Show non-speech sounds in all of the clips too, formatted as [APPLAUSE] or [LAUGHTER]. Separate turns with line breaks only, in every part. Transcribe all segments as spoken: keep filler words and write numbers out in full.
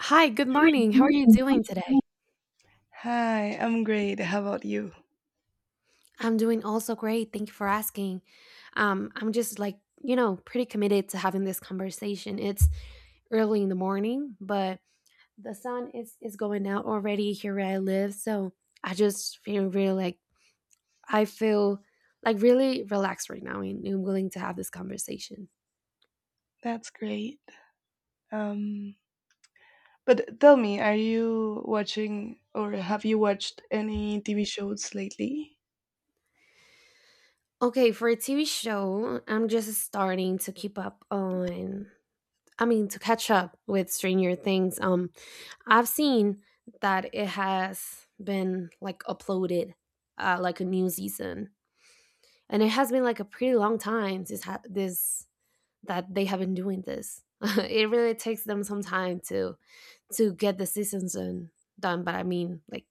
Hi, good morning. How are you doing today?
Hi, I'm great. How about you?
I'm doing also great. Thank you for asking. Um, I'm just like, you know, pretty committed to having this conversation. It's early in the morning, but the sun is is going out already here where I live, so I just feel really like I feel like really relaxed right now and, and willing to have this conversation.
That's great. Um, but tell me, are you watching or have you watched any T V shows lately?
Okay, for a T V show, I'm just starting to keep up on I mean to catch up with Stranger Things. Um I've seen that it has been like uploaded, uh, like a new season, and it has been like a pretty long time since ha- this that they have been doing this. [LAUGHS] It really takes them some time to to get the seasons in, done, but I mean like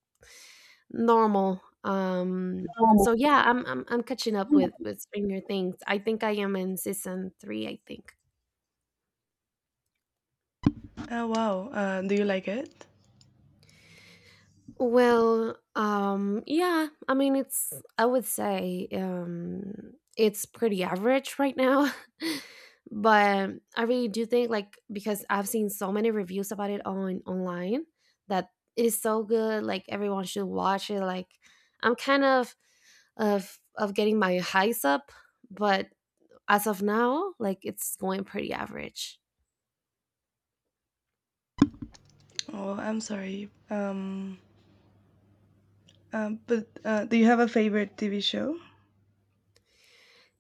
normal. Um, so yeah, I'm I'm I'm catching up with with Stranger Things. I think I am in season three. I think.
Oh wow. Uh, do you like it?
Well, um, yeah, I mean, it's, I would say, um, it's pretty average right now. [LAUGHS] But I really do think, like, because I've seen so many reviews about it on online that it is so good. Like, everyone should watch it. Like, I'm kind of, of, of getting my highs up, but as of now, like, it's going pretty average.
Oh, I'm sorry. Um, um, but uh, Do you have a favorite T V show?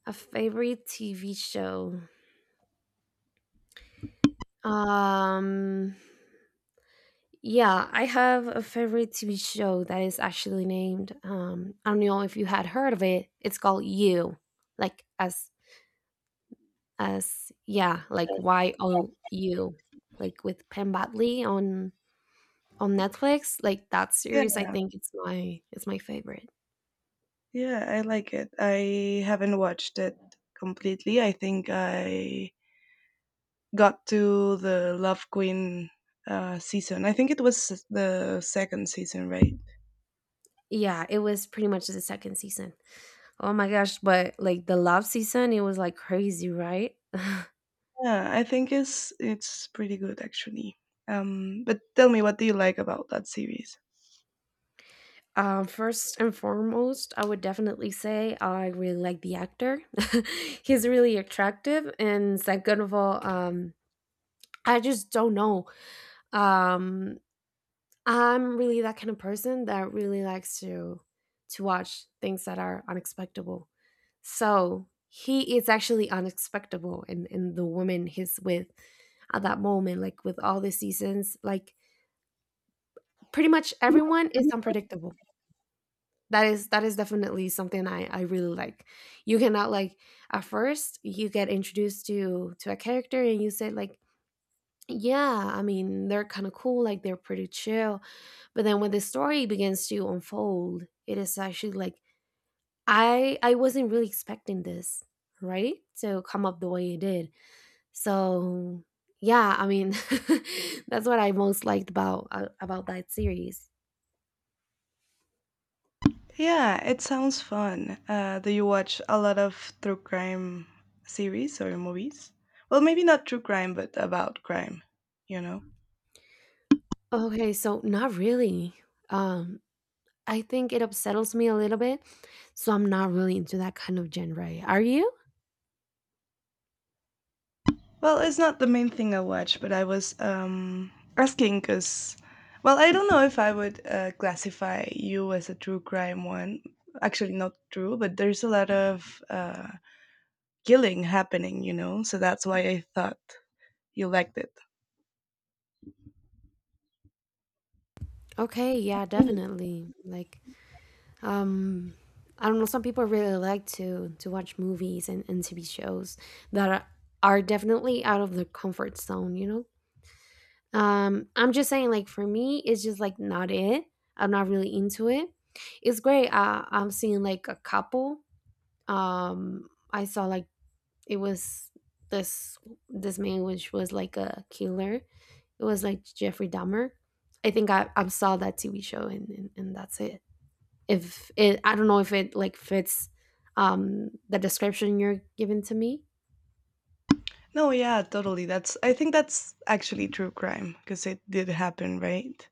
A favorite T V show. Um, Yeah, I have a favorite T V show that is actually named. Um, I don't know if you had heard of it. It's called You, like as as yeah, like Y O U, like with Penn Badley on on Netflix. Like that
Yeah.
series, I think it's my it's my favorite.
Yeah, I like it. I haven't watched it completely. I think I got to the Love Queen uh, season. I think it was s- the second season, right?
Yeah, it was pretty much the second season. Oh my gosh, but like the love season, it was like crazy, right? [LAUGHS]
Yeah, I think it's it's pretty good actually. Um, but tell me, what do you like about that series?
Uh, first and foremost, I would definitely say I really like the actor. [LAUGHS] He's really attractive, and second of all, um, I just don't know. Um, I'm really that kind of person that really likes to to watch things that are unexpected. So he is actually unexpected in, in the woman he's with at that moment, like with all the seasons, like pretty much everyone is unpredictable. that is that is definitely something I, I really like. You cannot like at first you get introduced to to a character and you say like, yeah, I mean they're kind of cool, like they're pretty chill. But then when the story begins to unfold, it is actually like, i i wasn't really expecting this, right, to come up the way it did. So yeah, I mean, [LAUGHS] that's what I most liked about uh, about that series.
Yeah, it sounds fun. Uh, do you watch a lot of true crime series or movies? Well, maybe not true crime, but about crime, you know?
Okay, so not really. um I think it unsettles me a little bit, so I'm not really into that kind of genre. Are you?
Well, it's not the main thing I watch, but I was um, asking because, well, I don't know if I would uh, classify you as a true crime one. Actually, not true, but there's a lot of uh, killing happening, you know? So that's why I thought you liked it.
Okay, yeah, definitely. Like, um, I don't know. Some people really like to to watch movies and, and T V shows that are, are definitely out of their comfort zone. You know, um, I'm just saying. Like for me, it's just like not it. I'm not really into it. It's great. Uh, I'm seeing like a couple. Um, I saw like it was this this man which was like a killer. It was like Jeffrey Dahmer. I think I, I saw that T V show and, and, and that's it. If it, I don't know if it like fits um, the description you're giving to me.
No, yeah, totally. That's I think that's actually true crime because it did happen, right?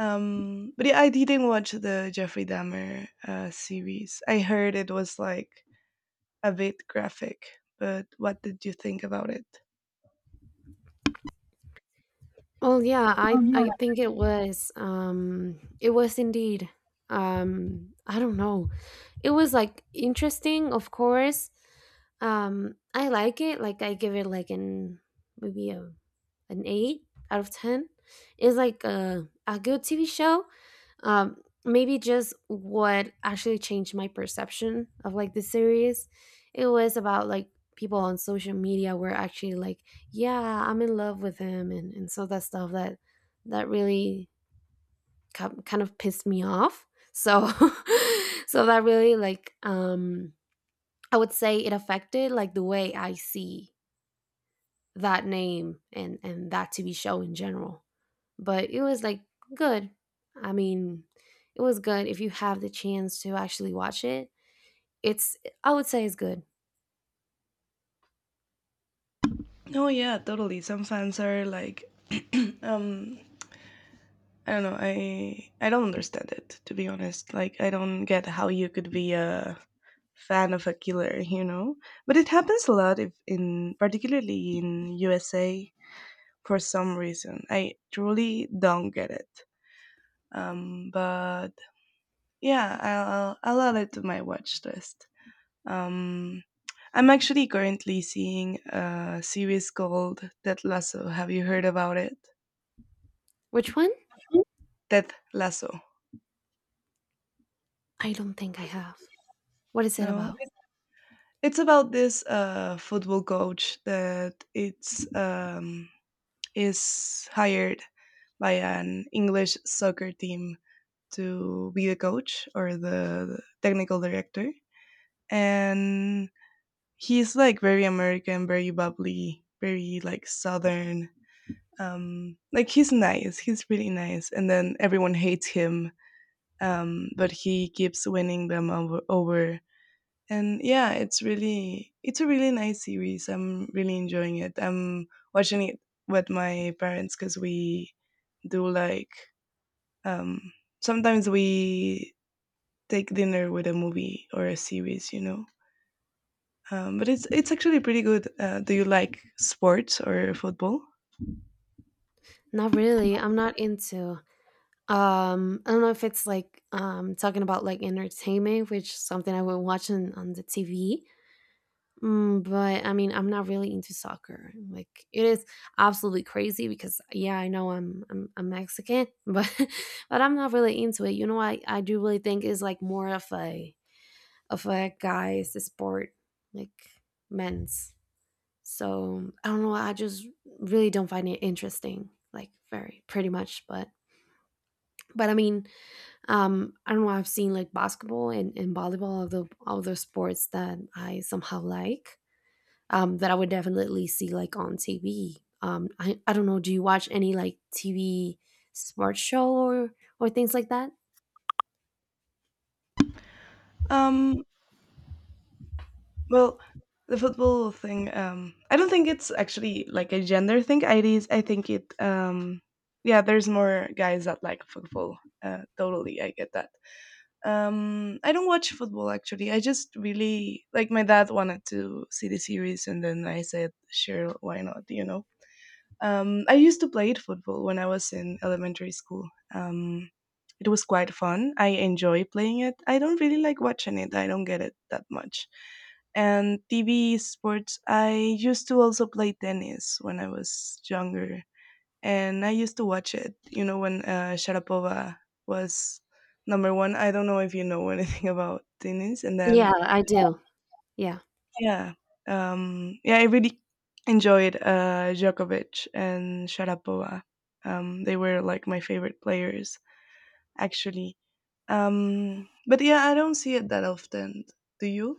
Um, but yeah, I didn't watch the Jeffrey Dahmer uh, series. I heard it was like a bit graphic, but what did you think about it?
Oh yeah, I I think it was um it was indeed um I don't know. It was like interesting, of course. Um, I like it. Like I give it like an maybe a an eight out of ten. It's like a a good T V show. Um Maybe just what actually changed my perception of like the series. It was about like people on social media were actually like, yeah I'm in love with him, and, and so that stuff that that really ki- kind of pissed me off. So [LAUGHS] so that really like um I would say it affected like the way I see that name and and that TV show in general. But it was like good, I mean, it was good. If you have the chance to actually watch it, it's, I would say it's good.
No, yeah, totally. Some fans are like, [CLEARS THROAT] um, I don't know. I I don't understand it to be honest. Like, I don't get how you could be a fan of a killer, you know. But it happens a lot, if in particularly in U S A for some reason. I truly don't get it. Um, but yeah, I'll I'll add it to my watch list. Um, I'm actually currently seeing a series called Ted Lasso. Have you heard about it?
Which one?
Ted Lasso.
I don't think I have. What is it
No,
about?
it's about this uh, football coach that it's um, is hired by an English soccer team to be the coach or the technical director, and he's like very American, very bubbly, very like Southern. Um, like he's nice, he's really nice, and then everyone hates him, um, but he keeps winning them over. over. And yeah, it's really it's a really nice series. I'm really enjoying it. I'm watching it with my parents because we do like um, sometimes we take dinner with a movie or a series, you know. Um, but it's it's actually pretty good. Uh, do you like sports or football?
Not really. I'm not into, Um, I don't know if it's, like, um, talking about, like, entertainment, which is something I would watch on on the T V, mm, but, I mean, I'm not really into soccer, like, it is absolutely crazy because, yeah, I know I'm I'm I'm Mexican, but [LAUGHS] but I'm not really into it, you know, I I do really think it's, like, more of a of a guy's sport, like, men's, so, I don't know, I just really don't find it interesting, like, very pretty much, but but, I mean, Um, I don't know. I've seen like basketball and, and volleyball, all the other sports that I somehow like, um, that I would definitely see like on T V. Um, I, I don't know. Do you watch any like T V sports show or or things like that?
Um, well, the football thing. Um, I don't think it's actually like a gender thing. I is I think it. Um, yeah, there's more guys that like football. Uh, totally, I get that. Um, I don't watch football actually. I just really like my dad wanted to see the series, and then I said, "Sure, why not?" You know. Um, I used to play football when I was in elementary school. Um, it was quite fun. I enjoy playing it. I don't really like watching it. I don't get it that much. And T V sports, I used to also play tennis when I was younger. And I used to watch it, you know, when uh, Sharapova was number one. I don't know if you know [LAUGHS] anything about tennis. And
Yeah,
then
I do. Yeah.
yeah. Um, yeah, I really enjoyed uh, Djokovic and Sharapova. Um, they were like my favorite players, actually. Um, but yeah, I don't see it that often. Do you?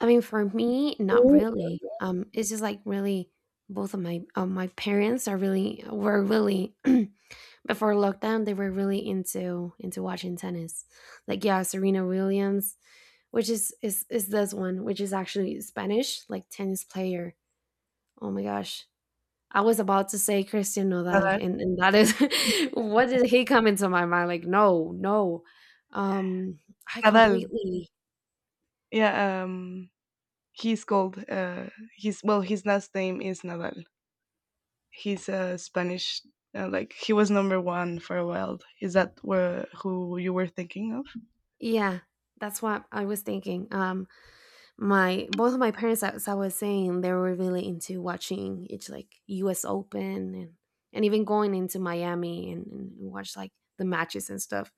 I mean, for me, not
Mm.
really. Um, it's just like really both of my of my parents are really were really [CLEARS THROAT] before lockdown they were really into into watching tennis. Like yeah, Serena Williams, which is is is this one, which is actually Spanish, like tennis player. Oh my gosh. I was about to say Christian Nodal
Nadal.
and, and that is [LAUGHS] what did he come into my mind? Like, no, no. Um I
Nadal.
completely,
Yeah. Um, he's called. Uh, he's well. His last name is Nadal. He's a Spanish. Uh, like he was number one for a while. Is that where, who you were thinking of?
yeah, that's what I was thinking. Um my both of my parents, as I was saying, they were really into watching each like U S. Open and and even going into Miami and, and watch like the matches and stuff.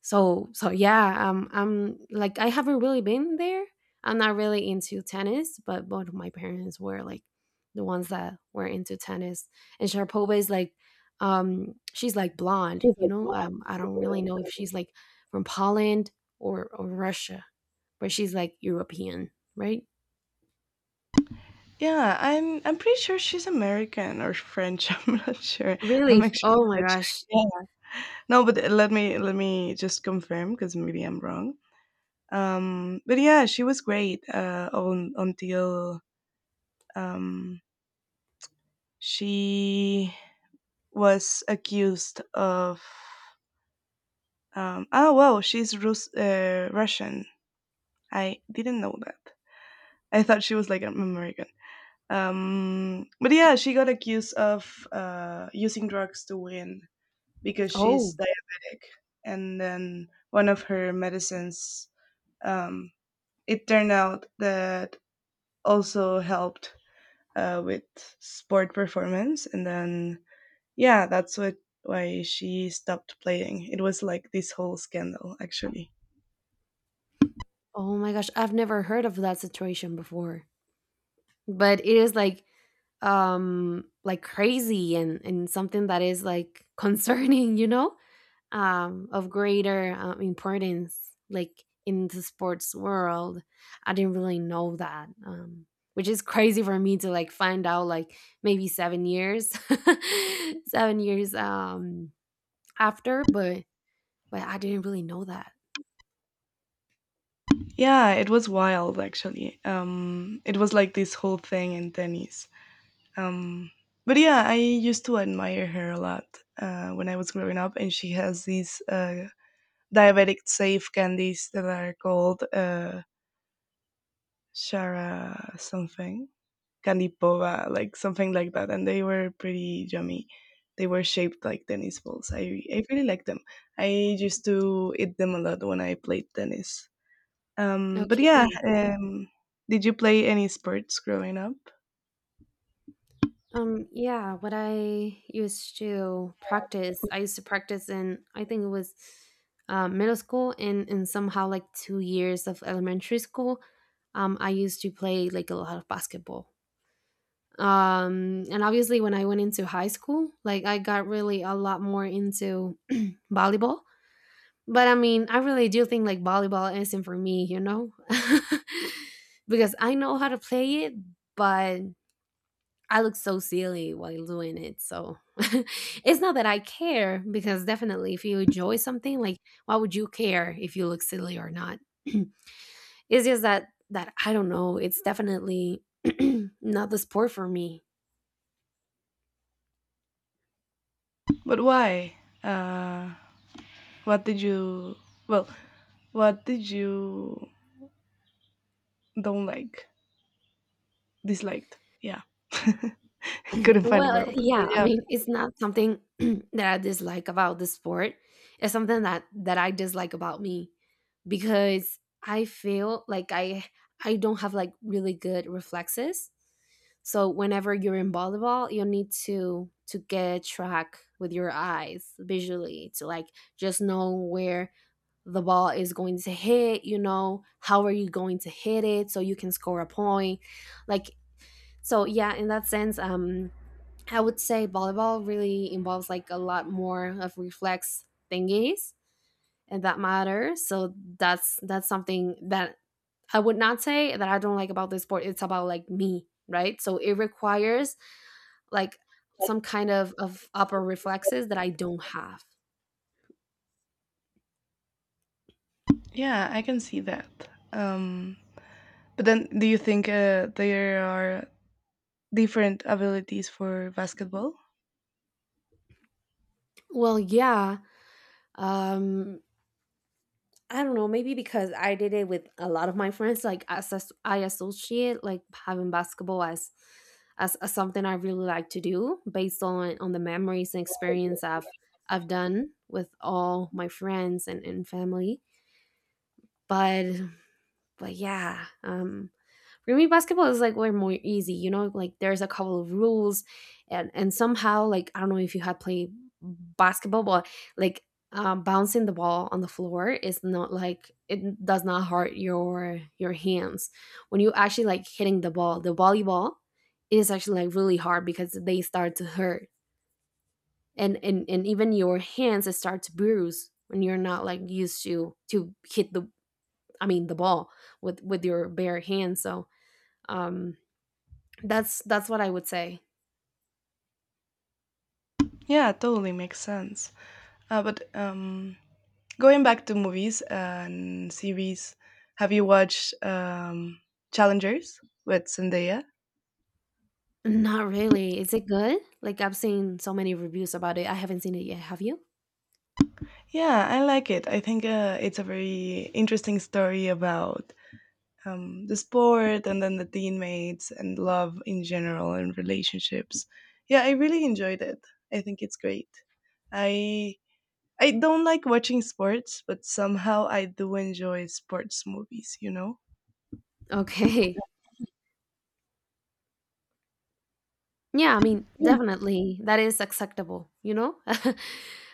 So so yeah, um, I'm like I haven't really been there. I'm not really into tennis, but both of my parents were like the ones that were into tennis. And Sharapova is like, um, she's like blonde, you know. Um, I don't really know if she's like from Poland or, or Russia, where she's like European, right?
Yeah, I'm I'm pretty sure she's American or French, [LAUGHS] I'm not sure.
Really?
I'm actually
Oh my
gonna check.
gosh.
Yeah. No, but uh, let me let me just confirm because maybe I'm wrong. Um, but yeah, she was great, uh, un until, um, she was accused of, um oh, wow, she's Rus uh, Russian. I didn't know that. I thought she was, like, American. Um, but yeah, she got accused of, uh, using drugs to win because
Oh,
she's diabetic. And then one of her medicines, um, it turned out that also helped uh, with sport performance. And then, yeah, that's what why she stopped playing. It was like this whole scandal, actually.
oh my gosh. I've never heard of that situation before. But it is like um like crazy and and something that is like [LAUGHS] concerning, you know? Um of greater um, importance like in the sports world. I didn't really know that. Um which is crazy for me to like find out like maybe seven years. [LAUGHS] seven years um after, but But I didn't really know that.
Yeah, it was wild, actually. Um, it was like this whole thing in tennis. Um, but yeah, I used to admire her a lot uh, when I was growing up, and she has these uh, diabetic safe candies that are called uh, Shara something, candy pova, like something like that, and they were pretty yummy. They were shaped like tennis balls. I I really like them. I used to eat them a lot when I played tennis. Um, but yeah,
Okay.
um, did you play any sports growing up?
Um, yeah, what I used to practice, I used to practice in, I think it was uh, middle school and, and somehow like two years of elementary school. Um, I used to play like a lot of basketball. Um, and obviously, when I went into high school, like I got really a lot more into volleyball. But I mean, I really do think like volleyball isn't for me, you know? [LAUGHS] Because I know how to play it, but I look so silly while doing it. So [LAUGHS] it's not that I care, because definitely if you enjoy something, like why would you care if you look silly or not? [CLEARS THROAT] It's just that that I don't know. It's definitely [CLEARS THROAT] not the sport for me.
But why? Uh, what did you? Well, what did you don't like? Disliked? Yeah. [LAUGHS] couldn't find a
Well, uh,
world. But
yeah, I
yeah,
mean, it's not something [CLEARS THROAT] that I dislike about the sport. It's something that that I dislike about me, because I feel like I I don't have like really good reflexes. So whenever you're in volleyball, you need to to get track with your eyes visually to like just know where the ball is going to hit, you know, how are you going to hit it so you can score a point. Like so yeah, in that sense um I would say volleyball really involves like a lot more of reflex thingies and that matter. So that's that's something that I would not say that I don't like about this sport. It's about like me, right? So it requires like some kind of of upper reflexes that I don't have.
yeah, I can see that. Um, but then, do you think uh, there are different abilities for basketball?
Well, yeah. Um I don't know, maybe because I did it with a lot of my friends, like as as- I associate like having basketball as, as as something I really like to do based on on the memories and experience I've I've done with all my friends and, and family. But but yeah, um, for me, basketball is like way more easy. You know, like there's a couple of rules, and and somehow like I don't know if you had played basketball, but like um, bouncing the ball on the floor is not like it does not hurt your your hands when you actually like hitting the ball. The volleyball is actually like really hard because they start to hurt, and and and even your hands start to bruise when you're not like used to to hit the, I mean, the ball with with your bare hands. So um, that's that's what I would say.
Yeah, totally makes sense. Uh, but um, Going back to movies and series, have you watched um, Challengers with Zendaya?
Not really. Is it good? Like I've seen so many reviews about it. I haven't seen it yet. Have you? [LAUGHS]
Yeah, I like it. I think uh, it's a very interesting story about um, the sport and then the teammates and love in general and relationships. Yeah, I really enjoyed it. I think it's great. I I don't like watching sports, but somehow I do enjoy sports movies, you know?
Okay. Yeah, I mean, definitely that is acceptable, you know? [LAUGHS]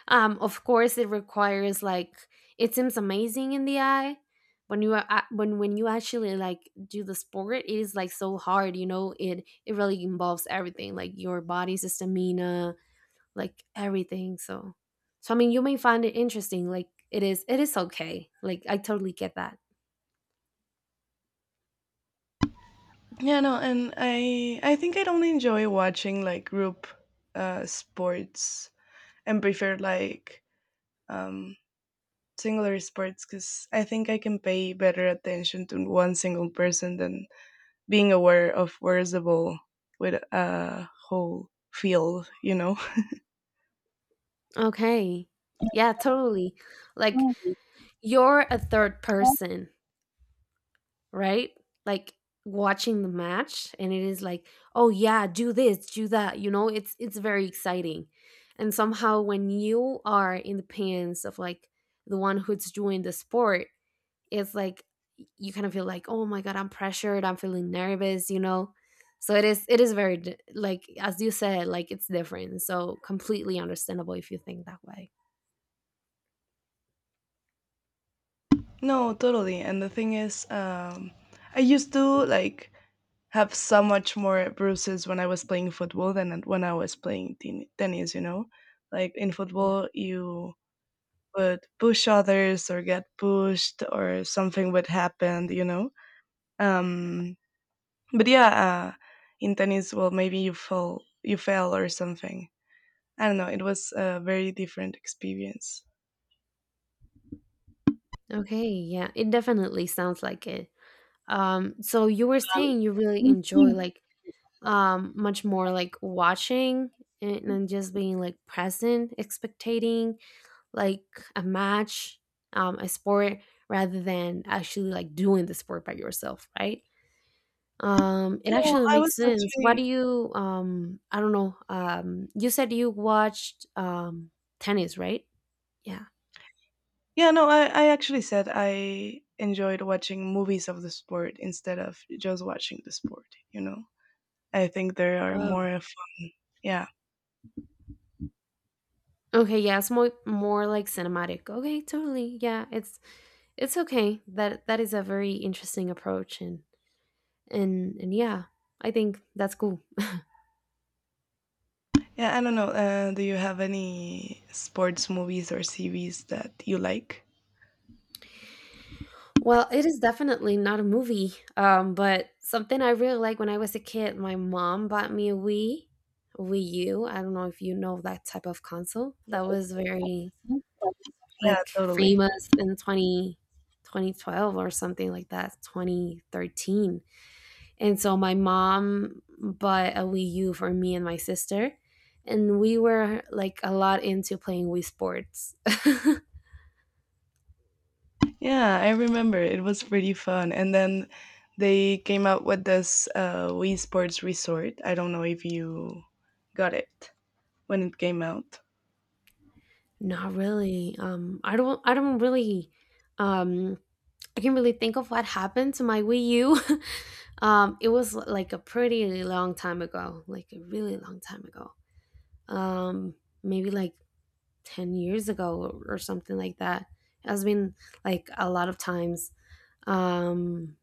um Of course it requires like it seems amazing in the eye when you are a- when when you actually like do the sport, it is like so hard, you know? It it really involves everything, like your body's stamina, like everything. So, so I mean, you may find it interesting. Like it is, it is okay. Like I totally get that.
Yeah, no, and I I think I don't enjoy watching like group uh sports and prefer like um singular sports because I think I can pay better attention to one single person than being aware of where is the ball with a whole field, you know? [LAUGHS]
Okay. Yeah, totally. Like
Mm.
you're a third person, right? Like watching the match and it is like, "Oh yeah, do this, do that." You know, it's it's very exciting. And somehow when you are in the pants of like the one who's doing the sport, it's like you kind of feel like, oh my god, I'm pressured, I'm feeling nervous, you know? So it is it is very di- like, as you said, like it's different. So completely understandable if you think that way.
No, totally. And the thing is, um, I used to like have so much more bruises when I was playing football than when I was playing ten- tennis. You know, like in
Yeah.
football, you would push others or get pushed or something would happen. You know, um, but yeah, uh, in tennis, well, maybe you fall, you fell or something. I don't know. It was a very different experience.
Okay, yeah, it definitely sounds like it. Um so you were saying you really enjoy like um much more like watching and, and just being like present expectating like a match, um a sport, rather than actually like doing the sport by yourself, right? Um, it
No,
actually
I
makes
was
sense. What
actually
do you um I don't know. Um you said you watched um tennis, right? Yeah.
Yeah. No, I I actually said I enjoyed watching movies of the sport instead of just watching the sport. You know, I think there are
Oh.
more fun. Yeah,
Okay, yeah, it's more more like cinematic. Okay, totally. Yeah, it's it's okay. That that is a very interesting approach and and and yeah, I think that's cool.
yeah. I don't know. Uh, do you have any sports movies or series that you like?
Well, it is definitely not a movie, um, but something I really like when I was a kid, my mom bought me a Wii, Wii U. I don't know if you know that type of console. That was very
Yeah,
like
totally.
famous in twenty twenty twelve or something like that, twenty thirteen. And so my mom bought a Wii U for me and my sister. And we were like a lot into playing Wii Sports. [LAUGHS]
Yeah, I remember it was pretty fun. And then they came out with this uh, Wii Sports Resort. I don't know if you got it when it came out.
Not really. Um, I don't. I don't really. Um, I can't really think of what happened to my Wii U. [LAUGHS] Um, it was like a pretty long time ago, like a really long time ago. Um, Maybe like ten years ago or something like that. It has been like a lot of times. Um,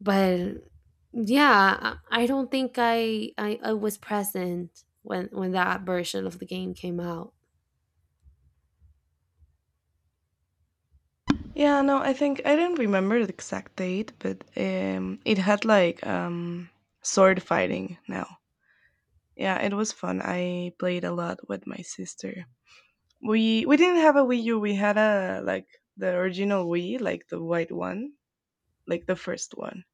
but yeah, I I don't think I, I I was present when when that version of the game came out.
Yeah, no, I think I don't remember the exact date, but um, it had like um, sword fighting now. Yeah, it was fun. I played a lot with my sister. We we didn't have a Wii U. We had a like the original Wii, like the white one, like the first one.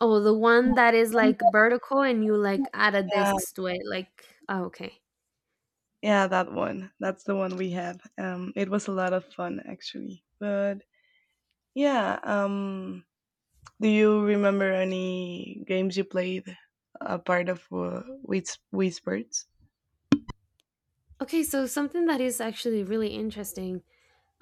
Oh, the one that is like vertical and you like add a
Yeah,
disc to it. Like, oh, okay.
yeah, that one. That's the one we had. Um, it was a lot of fun actually. But yeah, um, Do you remember any games you played apart of uh, Whis- Whispers?
Okay, so something that is actually really interesting,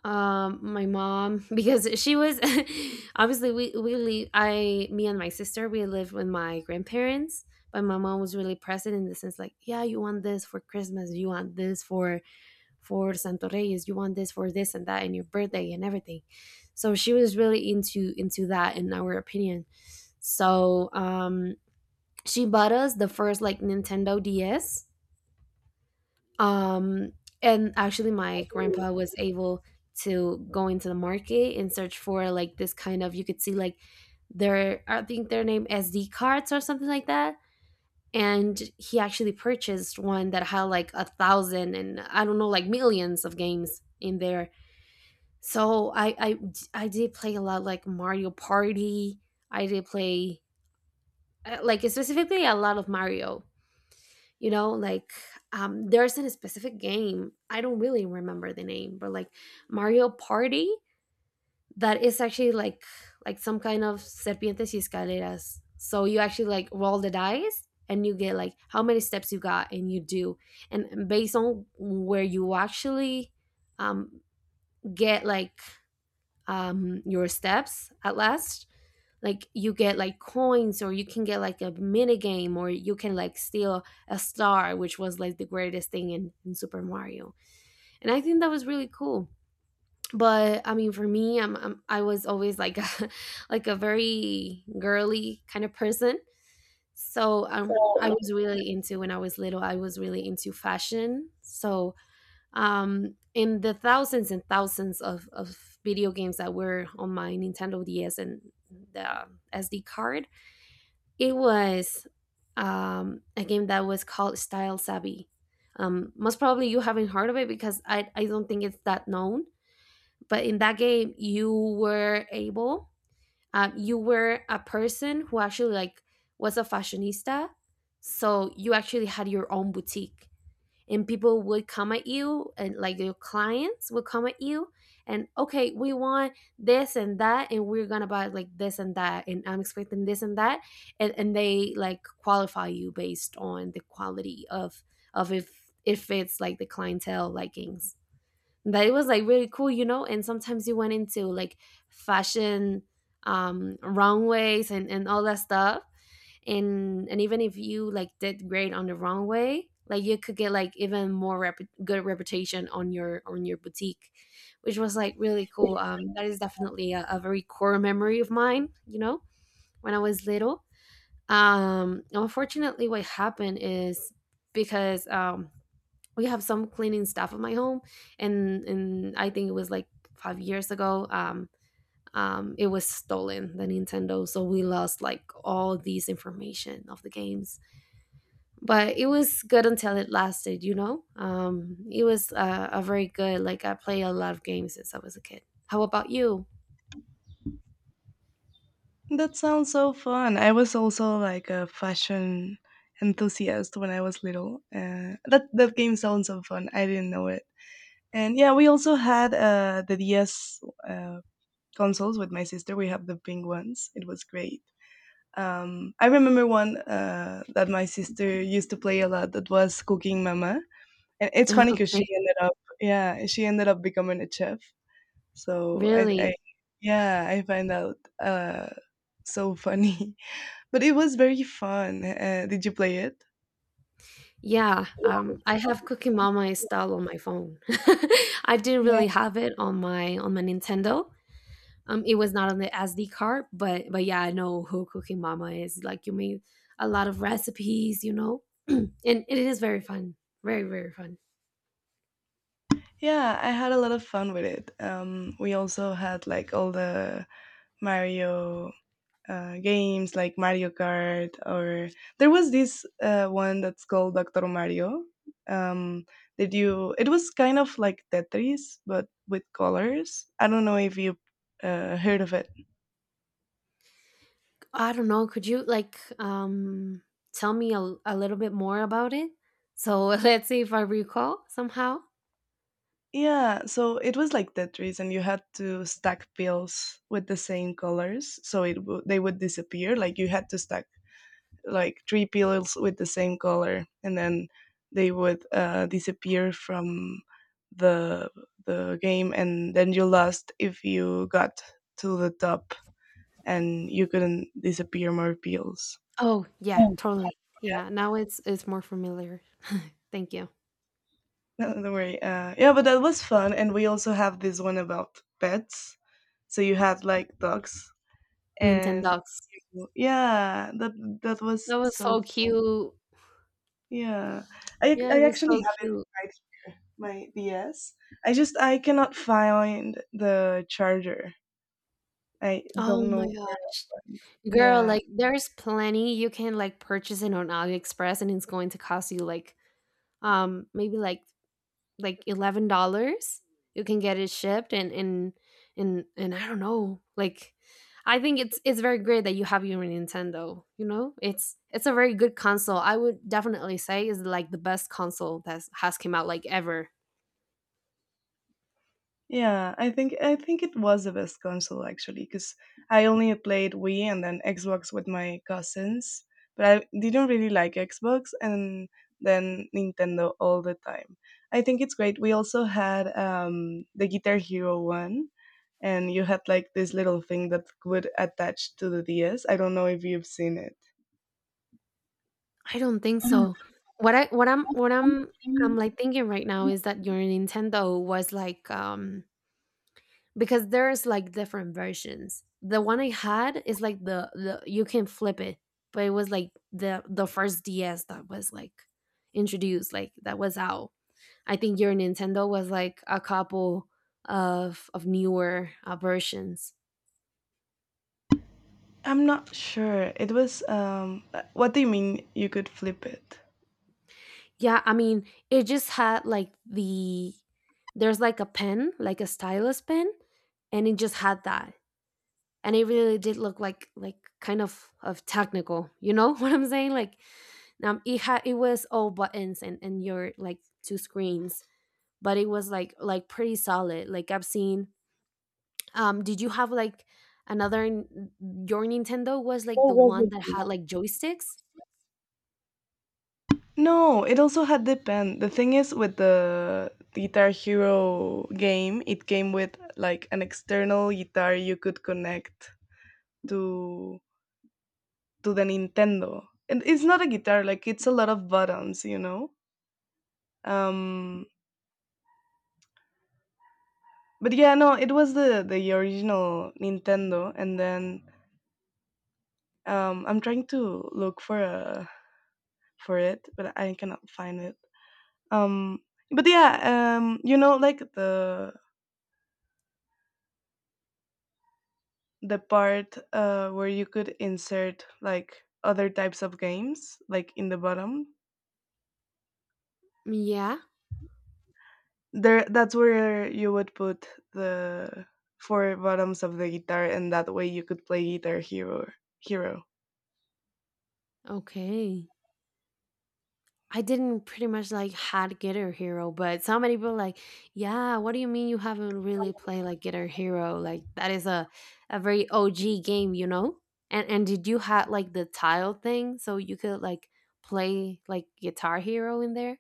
um my mom [LAUGHS] because she was [LAUGHS] obviously we we live I me and my sister, we lived with my grandparents, but my mom was really present in the sense, like, yeah, you want this for Christmas, you want this for for Santo Reyes, you want this for this and that and your birthday and everything. So she was really into into that in our opinion. So um she bought us the first like Nintendo DS, um, and actually my grandpa was able to go into the market and search for like this kind of. You could see like their, I think their name S D cards or something like that. And he actually purchased one that had like a thousand and I don't know, like millions of games in there. So I I I did play a lot like Mario Party. I did play uh, like specifically a lot of Mario, you know, like um there's a specific game, I don't really remember the name, but like Mario Party, that is actually like like some kind of Serpientes y Escaleras. So you actually like roll the dice and you get like how many steps you got and you do. And based on where you actually um get like um, your steps at last, like you get like coins or you can get like a mini game or you can like steal a star, which was like the greatest thing in, in Super Mario. And I think that was really cool. But I mean, for me, i'm, I'm, i was always like a, [LAUGHS] like a very girly kind of person. So um, I was really into, when I was little I was really into fashion. So um, in the thousands and thousands of, of video games that were on my Nintendo D S and the S D card, it was um, a game that was called Style Savvy. Um, most probably you haven't heard of it because I, I don't think it's that known. But in that game, you were able, uh, you were a person who actually like was a fashionista. So you actually had your own boutique and people would come at you and like your clients would come at you and okay, we want this and that and we're gonna buy like this and that and I'm expecting this and that. And, and they like qualify you based on the quality of of if if it's like the clientele likings. But it was like really cool, you know. And sometimes you went into like fashion um, runways and and all that stuff. And and even if you like did great on the runway, like you could get like even more rep- good reputation on your on your boutique, which was like really cool. Um, that is definitely a, a very core memory of mine. You know, when I was little. Um, unfortunately, what happened is because um, we have some cleaning staff at my home. and and I think it was like five years ago. Um um it was stolen, the Nintendo, so we lost like all these information of the games. But it was good until it lasted, you know. Um it was uh, a very good, like I played a lot of games since I was a kid. How about you?
That sounds so fun. I was also like a fashion enthusiast when I was little. Uh, that that game sounds so fun. I didn't know it. And yeah, we also had uh, the D S uh, consoles with my sister. We have the pink ones. It was great. Um, I remember one uh, that my sister used to play a lot. That was Cooking Mama. And it's
[LAUGHS]
funny because she
Okay,
ended up yeah, she ended up becoming a chef. So I I
really?
Yeah, I find out uh, so funny. [LAUGHS] But it was very fun. Uh, did you play it?
Yeah,
Yeah.
um I have Cookie Mama installed on my phone. [LAUGHS] I didn't
Yeah.
really have it on my on my Nintendo. Um, it was not on the S D card, but but yeah, I know who Cooking Mama is. Like you made a lot of recipes, you know, [CLEARS THROAT] and it is very fun, very very fun.
Yeah, I had a lot of fun with it. Um, we also had like all the Mario uh, games like Mario Kart, or there was this uh, one that's called Doctor Mario. Um, that you, it was kind of like Tetris, but with colors. I don't know if you uh, heard of it.
I don't know. Could you like um tell me a, a little bit more about it? So [LAUGHS] let's see if I recall somehow.
Yeah, so it was like Tetris, and you had to stack pills with the same colors, so it w- they would disappear. Like you had to stack like three pillows with the same color, and then they would uh, disappear from the the game, and then you lost if you got to the top and you couldn't disappear more pills.
Oh yeah,
Oh.
totally. Yeah, now it's it's more familiar. Thank you.
Yeah, no, don't worry. Uh, yeah, but that was fun, and we also have this one about pets. So you had like dogs, and
Nintendogs.
yeah, that that was
That was
so
so
fun.
cute.
Yeah, I
Yeah, it
I
was
actually
so
have it
cute.
right here, my D S. I just I cannot find the charger. I
Oh
don't
my
know.
gosh. Girl,
Yeah.
like there's plenty, you can like purchase it on AliExpress and it's going to cost you like um maybe like like eleven dollars. You can get it shipped and and and and I don't know. Like I think it's it's very great that you have your Nintendo, you know? It's it's a very good console. I would definitely say is like the best console that has came out like ever.
Yeah, I think I think it was the best console actually, because I only played Wii and then Xbox with my cousins, but I didn't really like Xbox and then Nintendo all the time. I think it's great. We also had um, the Guitar Hero one, and you had like this little thing that would attach to the D S. I don't know if you've seen it.
I don't think so. What I what I'm what I'm I'm like thinking right now is that your Nintendo was like um because there's like different versions. The one I had is like the, the you can flip it, but it was like the the first D S that was like introduced, like that was out. I think your Nintendo was like a couple of of newer uh, versions.
I'm not sure. It was um, uh, What do you mean? You could flip it?
Yeah, I mean, it just had like the there's like a pen, like a stylus pen, and it just had that. And it really did look like like kind of of technical, you know, [LAUGHS] what I'm saying? Like um it had, it was all buttons and and your like two screens, but it was like like pretty solid, like I've seen um did you have like another n- your Nintendo was like the one that had like joysticks?
No, it also had the pen. The thing is, with the Guitar Hero game, it came with like an external guitar you could connect to to the Nintendo, and it's not a guitar. Like it's a lot of buttons, you know. Um, but yeah, no, it was the the original Nintendo, and then um, I'm trying to look for a for it, but I cannot find it. Um, but yeah, um, you know, like the the part uh, where you could insert like other types of games like in the bottom,
Yeah.
there that's where you would put the four bottoms of the guitar and that way you could play guitar hero hero
Okay. I didn't pretty much like had Guitar Hero, but so many people like, yeah, what do you mean you haven't really played like Guitar Hero? Like that is a, a very O G game, you know? And and did you had like the tile thing so you could like play like Guitar Hero in there?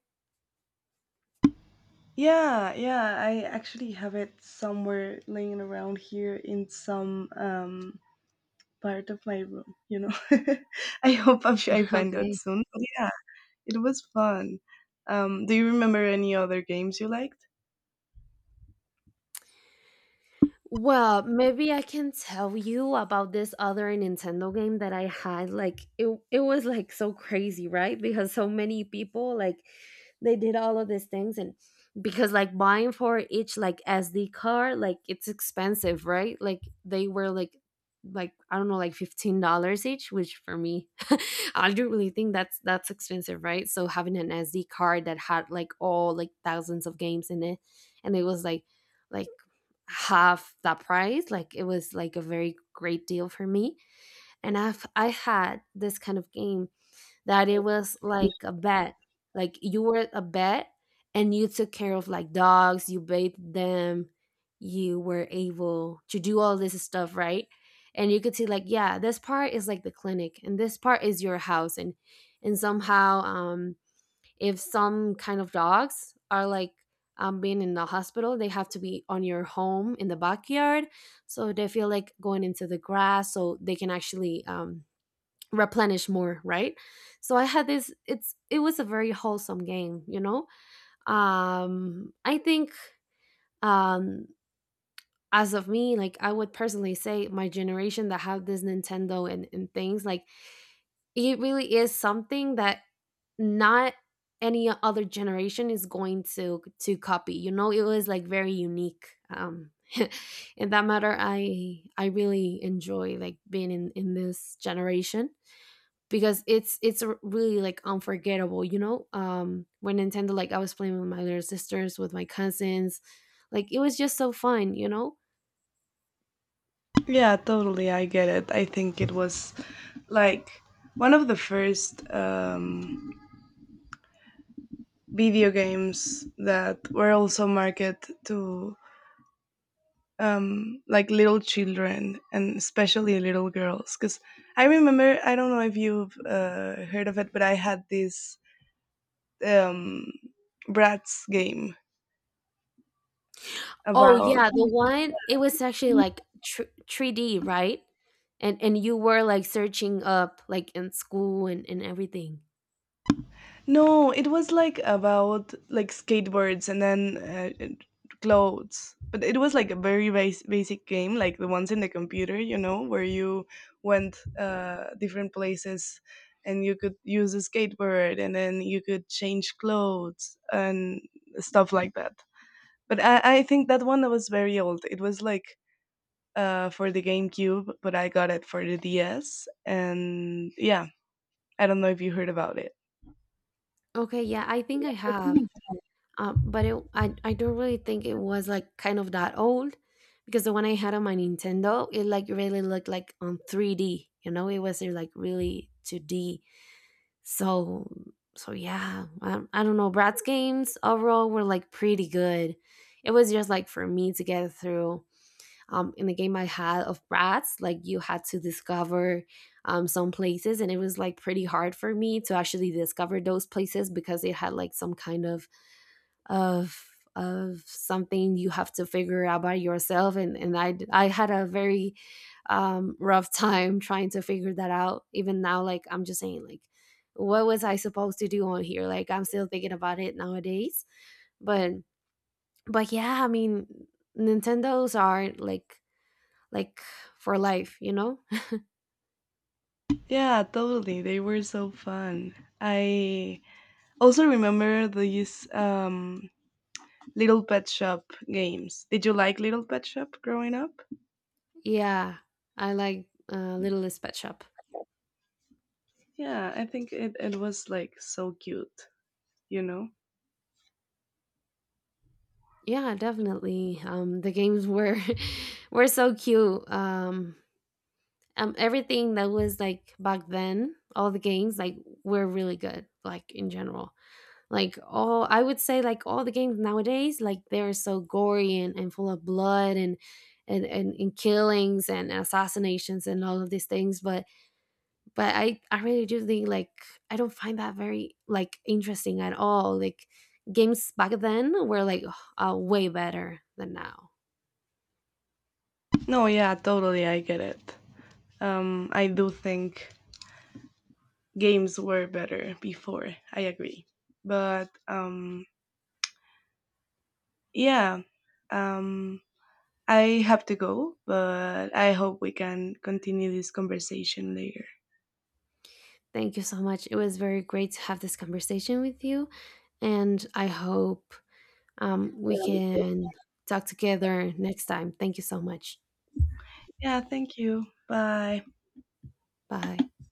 yeah yeah I actually have it somewhere laying around here in some um part of my room, you know. [LAUGHS] i hope i i
[LAUGHS]
find out
Okay.
soon But yeah, it was fun. Um do you remember any other games you liked?
Well, maybe I can tell you about this other Nintendo game that I had. Like it it was like so crazy, right? Because so many people like they did all of these things. And because like buying for each like S D card, like it's expensive, right? Like they were like like I don't know, like fifteen dollars each, which for me, [LAUGHS] I don't really think that's that's expensive, right? So having an S D card that had like all like thousands of games in it, and it was like like half that price. Like it was like a very great deal for me, and i've i had this kind of game that it was like a bet, like you were a bet, and you took care of like dogs, you bathed them, you were able to do all this stuff, right? And you could see like, yeah, this part is like the clinic and this part is your house. and and somehow, um if some kind of dogs are like, um, being in the hospital, they have to be on your home in the backyard. So they feel like going into the grass so they can actually, um, replenish more, right? So I had this, it's, it was a very wholesome game, you know? Um, I think, um, as of me, like I would personally say my generation that have this Nintendo and, and things, like it really is something that not any other generation is going to to copy. You know, it was like very unique. Um, [LAUGHS] in that matter, I I really enjoy like being in in this generation because it's it's r- really like unforgettable. You know, um, when Nintendo like I was playing with my little sisters, with my cousins, like it was just so fun. You know,
Yeah, totally. I get it. I think it was like one of the first um, video games that were also marketed to um, like little children and especially little girls. Because I remember, I don't know if you've uh, heard of it, but I had this um, Bratz game
oh,
about
yeah, the one it was actually like thr three D, right? And and you were like searching up like in school and and everything.
No, it was like about like skateboards and then uh, and clothes. But it was like a very bas- basic game, like the ones in the computer, you know, where you went uh, different places and you could use a skateboard and then you could change clothes and stuff like that. But I, I think that one was very old. It was like uh, for the GameCube, but I got it for the D S. And yeah, I don't know if you heard about it.
Okay, yeah, I think I have. Um, but it, I I don't really think it was like kind of that old because the one I had on my Nintendo, it like really looked like on three D, you know, it wasn't like really two D. So so yeah, I, I don't know. Bratz games overall were like pretty good. It was just like for me to get through, um, in the game I had of Bratz, like you had to discover, um, some places, and it was like pretty hard for me to actually discover those places because it had like some kind of of of something you have to figure out by yourself, and and I I had a very, um, rough time trying to figure that out. Even now, like I'm just saying, like what was I supposed to do on here? Like I'm still thinking about it nowadays, but but yeah, I mean Nintendos are like like for life, you know?
Yeah, totally. They were so fun. I also remember these um, Little Pet Shop games. Did you like Little Pet Shop growing up?
Yeah, I like uh, Littlest Pet Shop.
Yeah, I think it, it was like so cute, you know?
Yeah, definitely. Um, the games were [LAUGHS] were so cute. Um, um, everything that was like back then, all the games like were really good. Like in general, like all I would say like all the games nowadays, like they're so gory and, and full of blood, and, and and and killings and assassinations and all of these things. But but i i really do think like I don't find that very like interesting at all, like games back then were like [SIGHS] uh, way better than now.
No, yeah, totally. I get it. Um, I do think games were better before. I agree. But um, yeah, um, I have to go, but I hope we can continue this conversation later.
Thank you so much, it was very great to have this conversation with you, and I hope, um, we can talk together next time. Thank you so much.
Yeah, thank you. Bye.
Bye.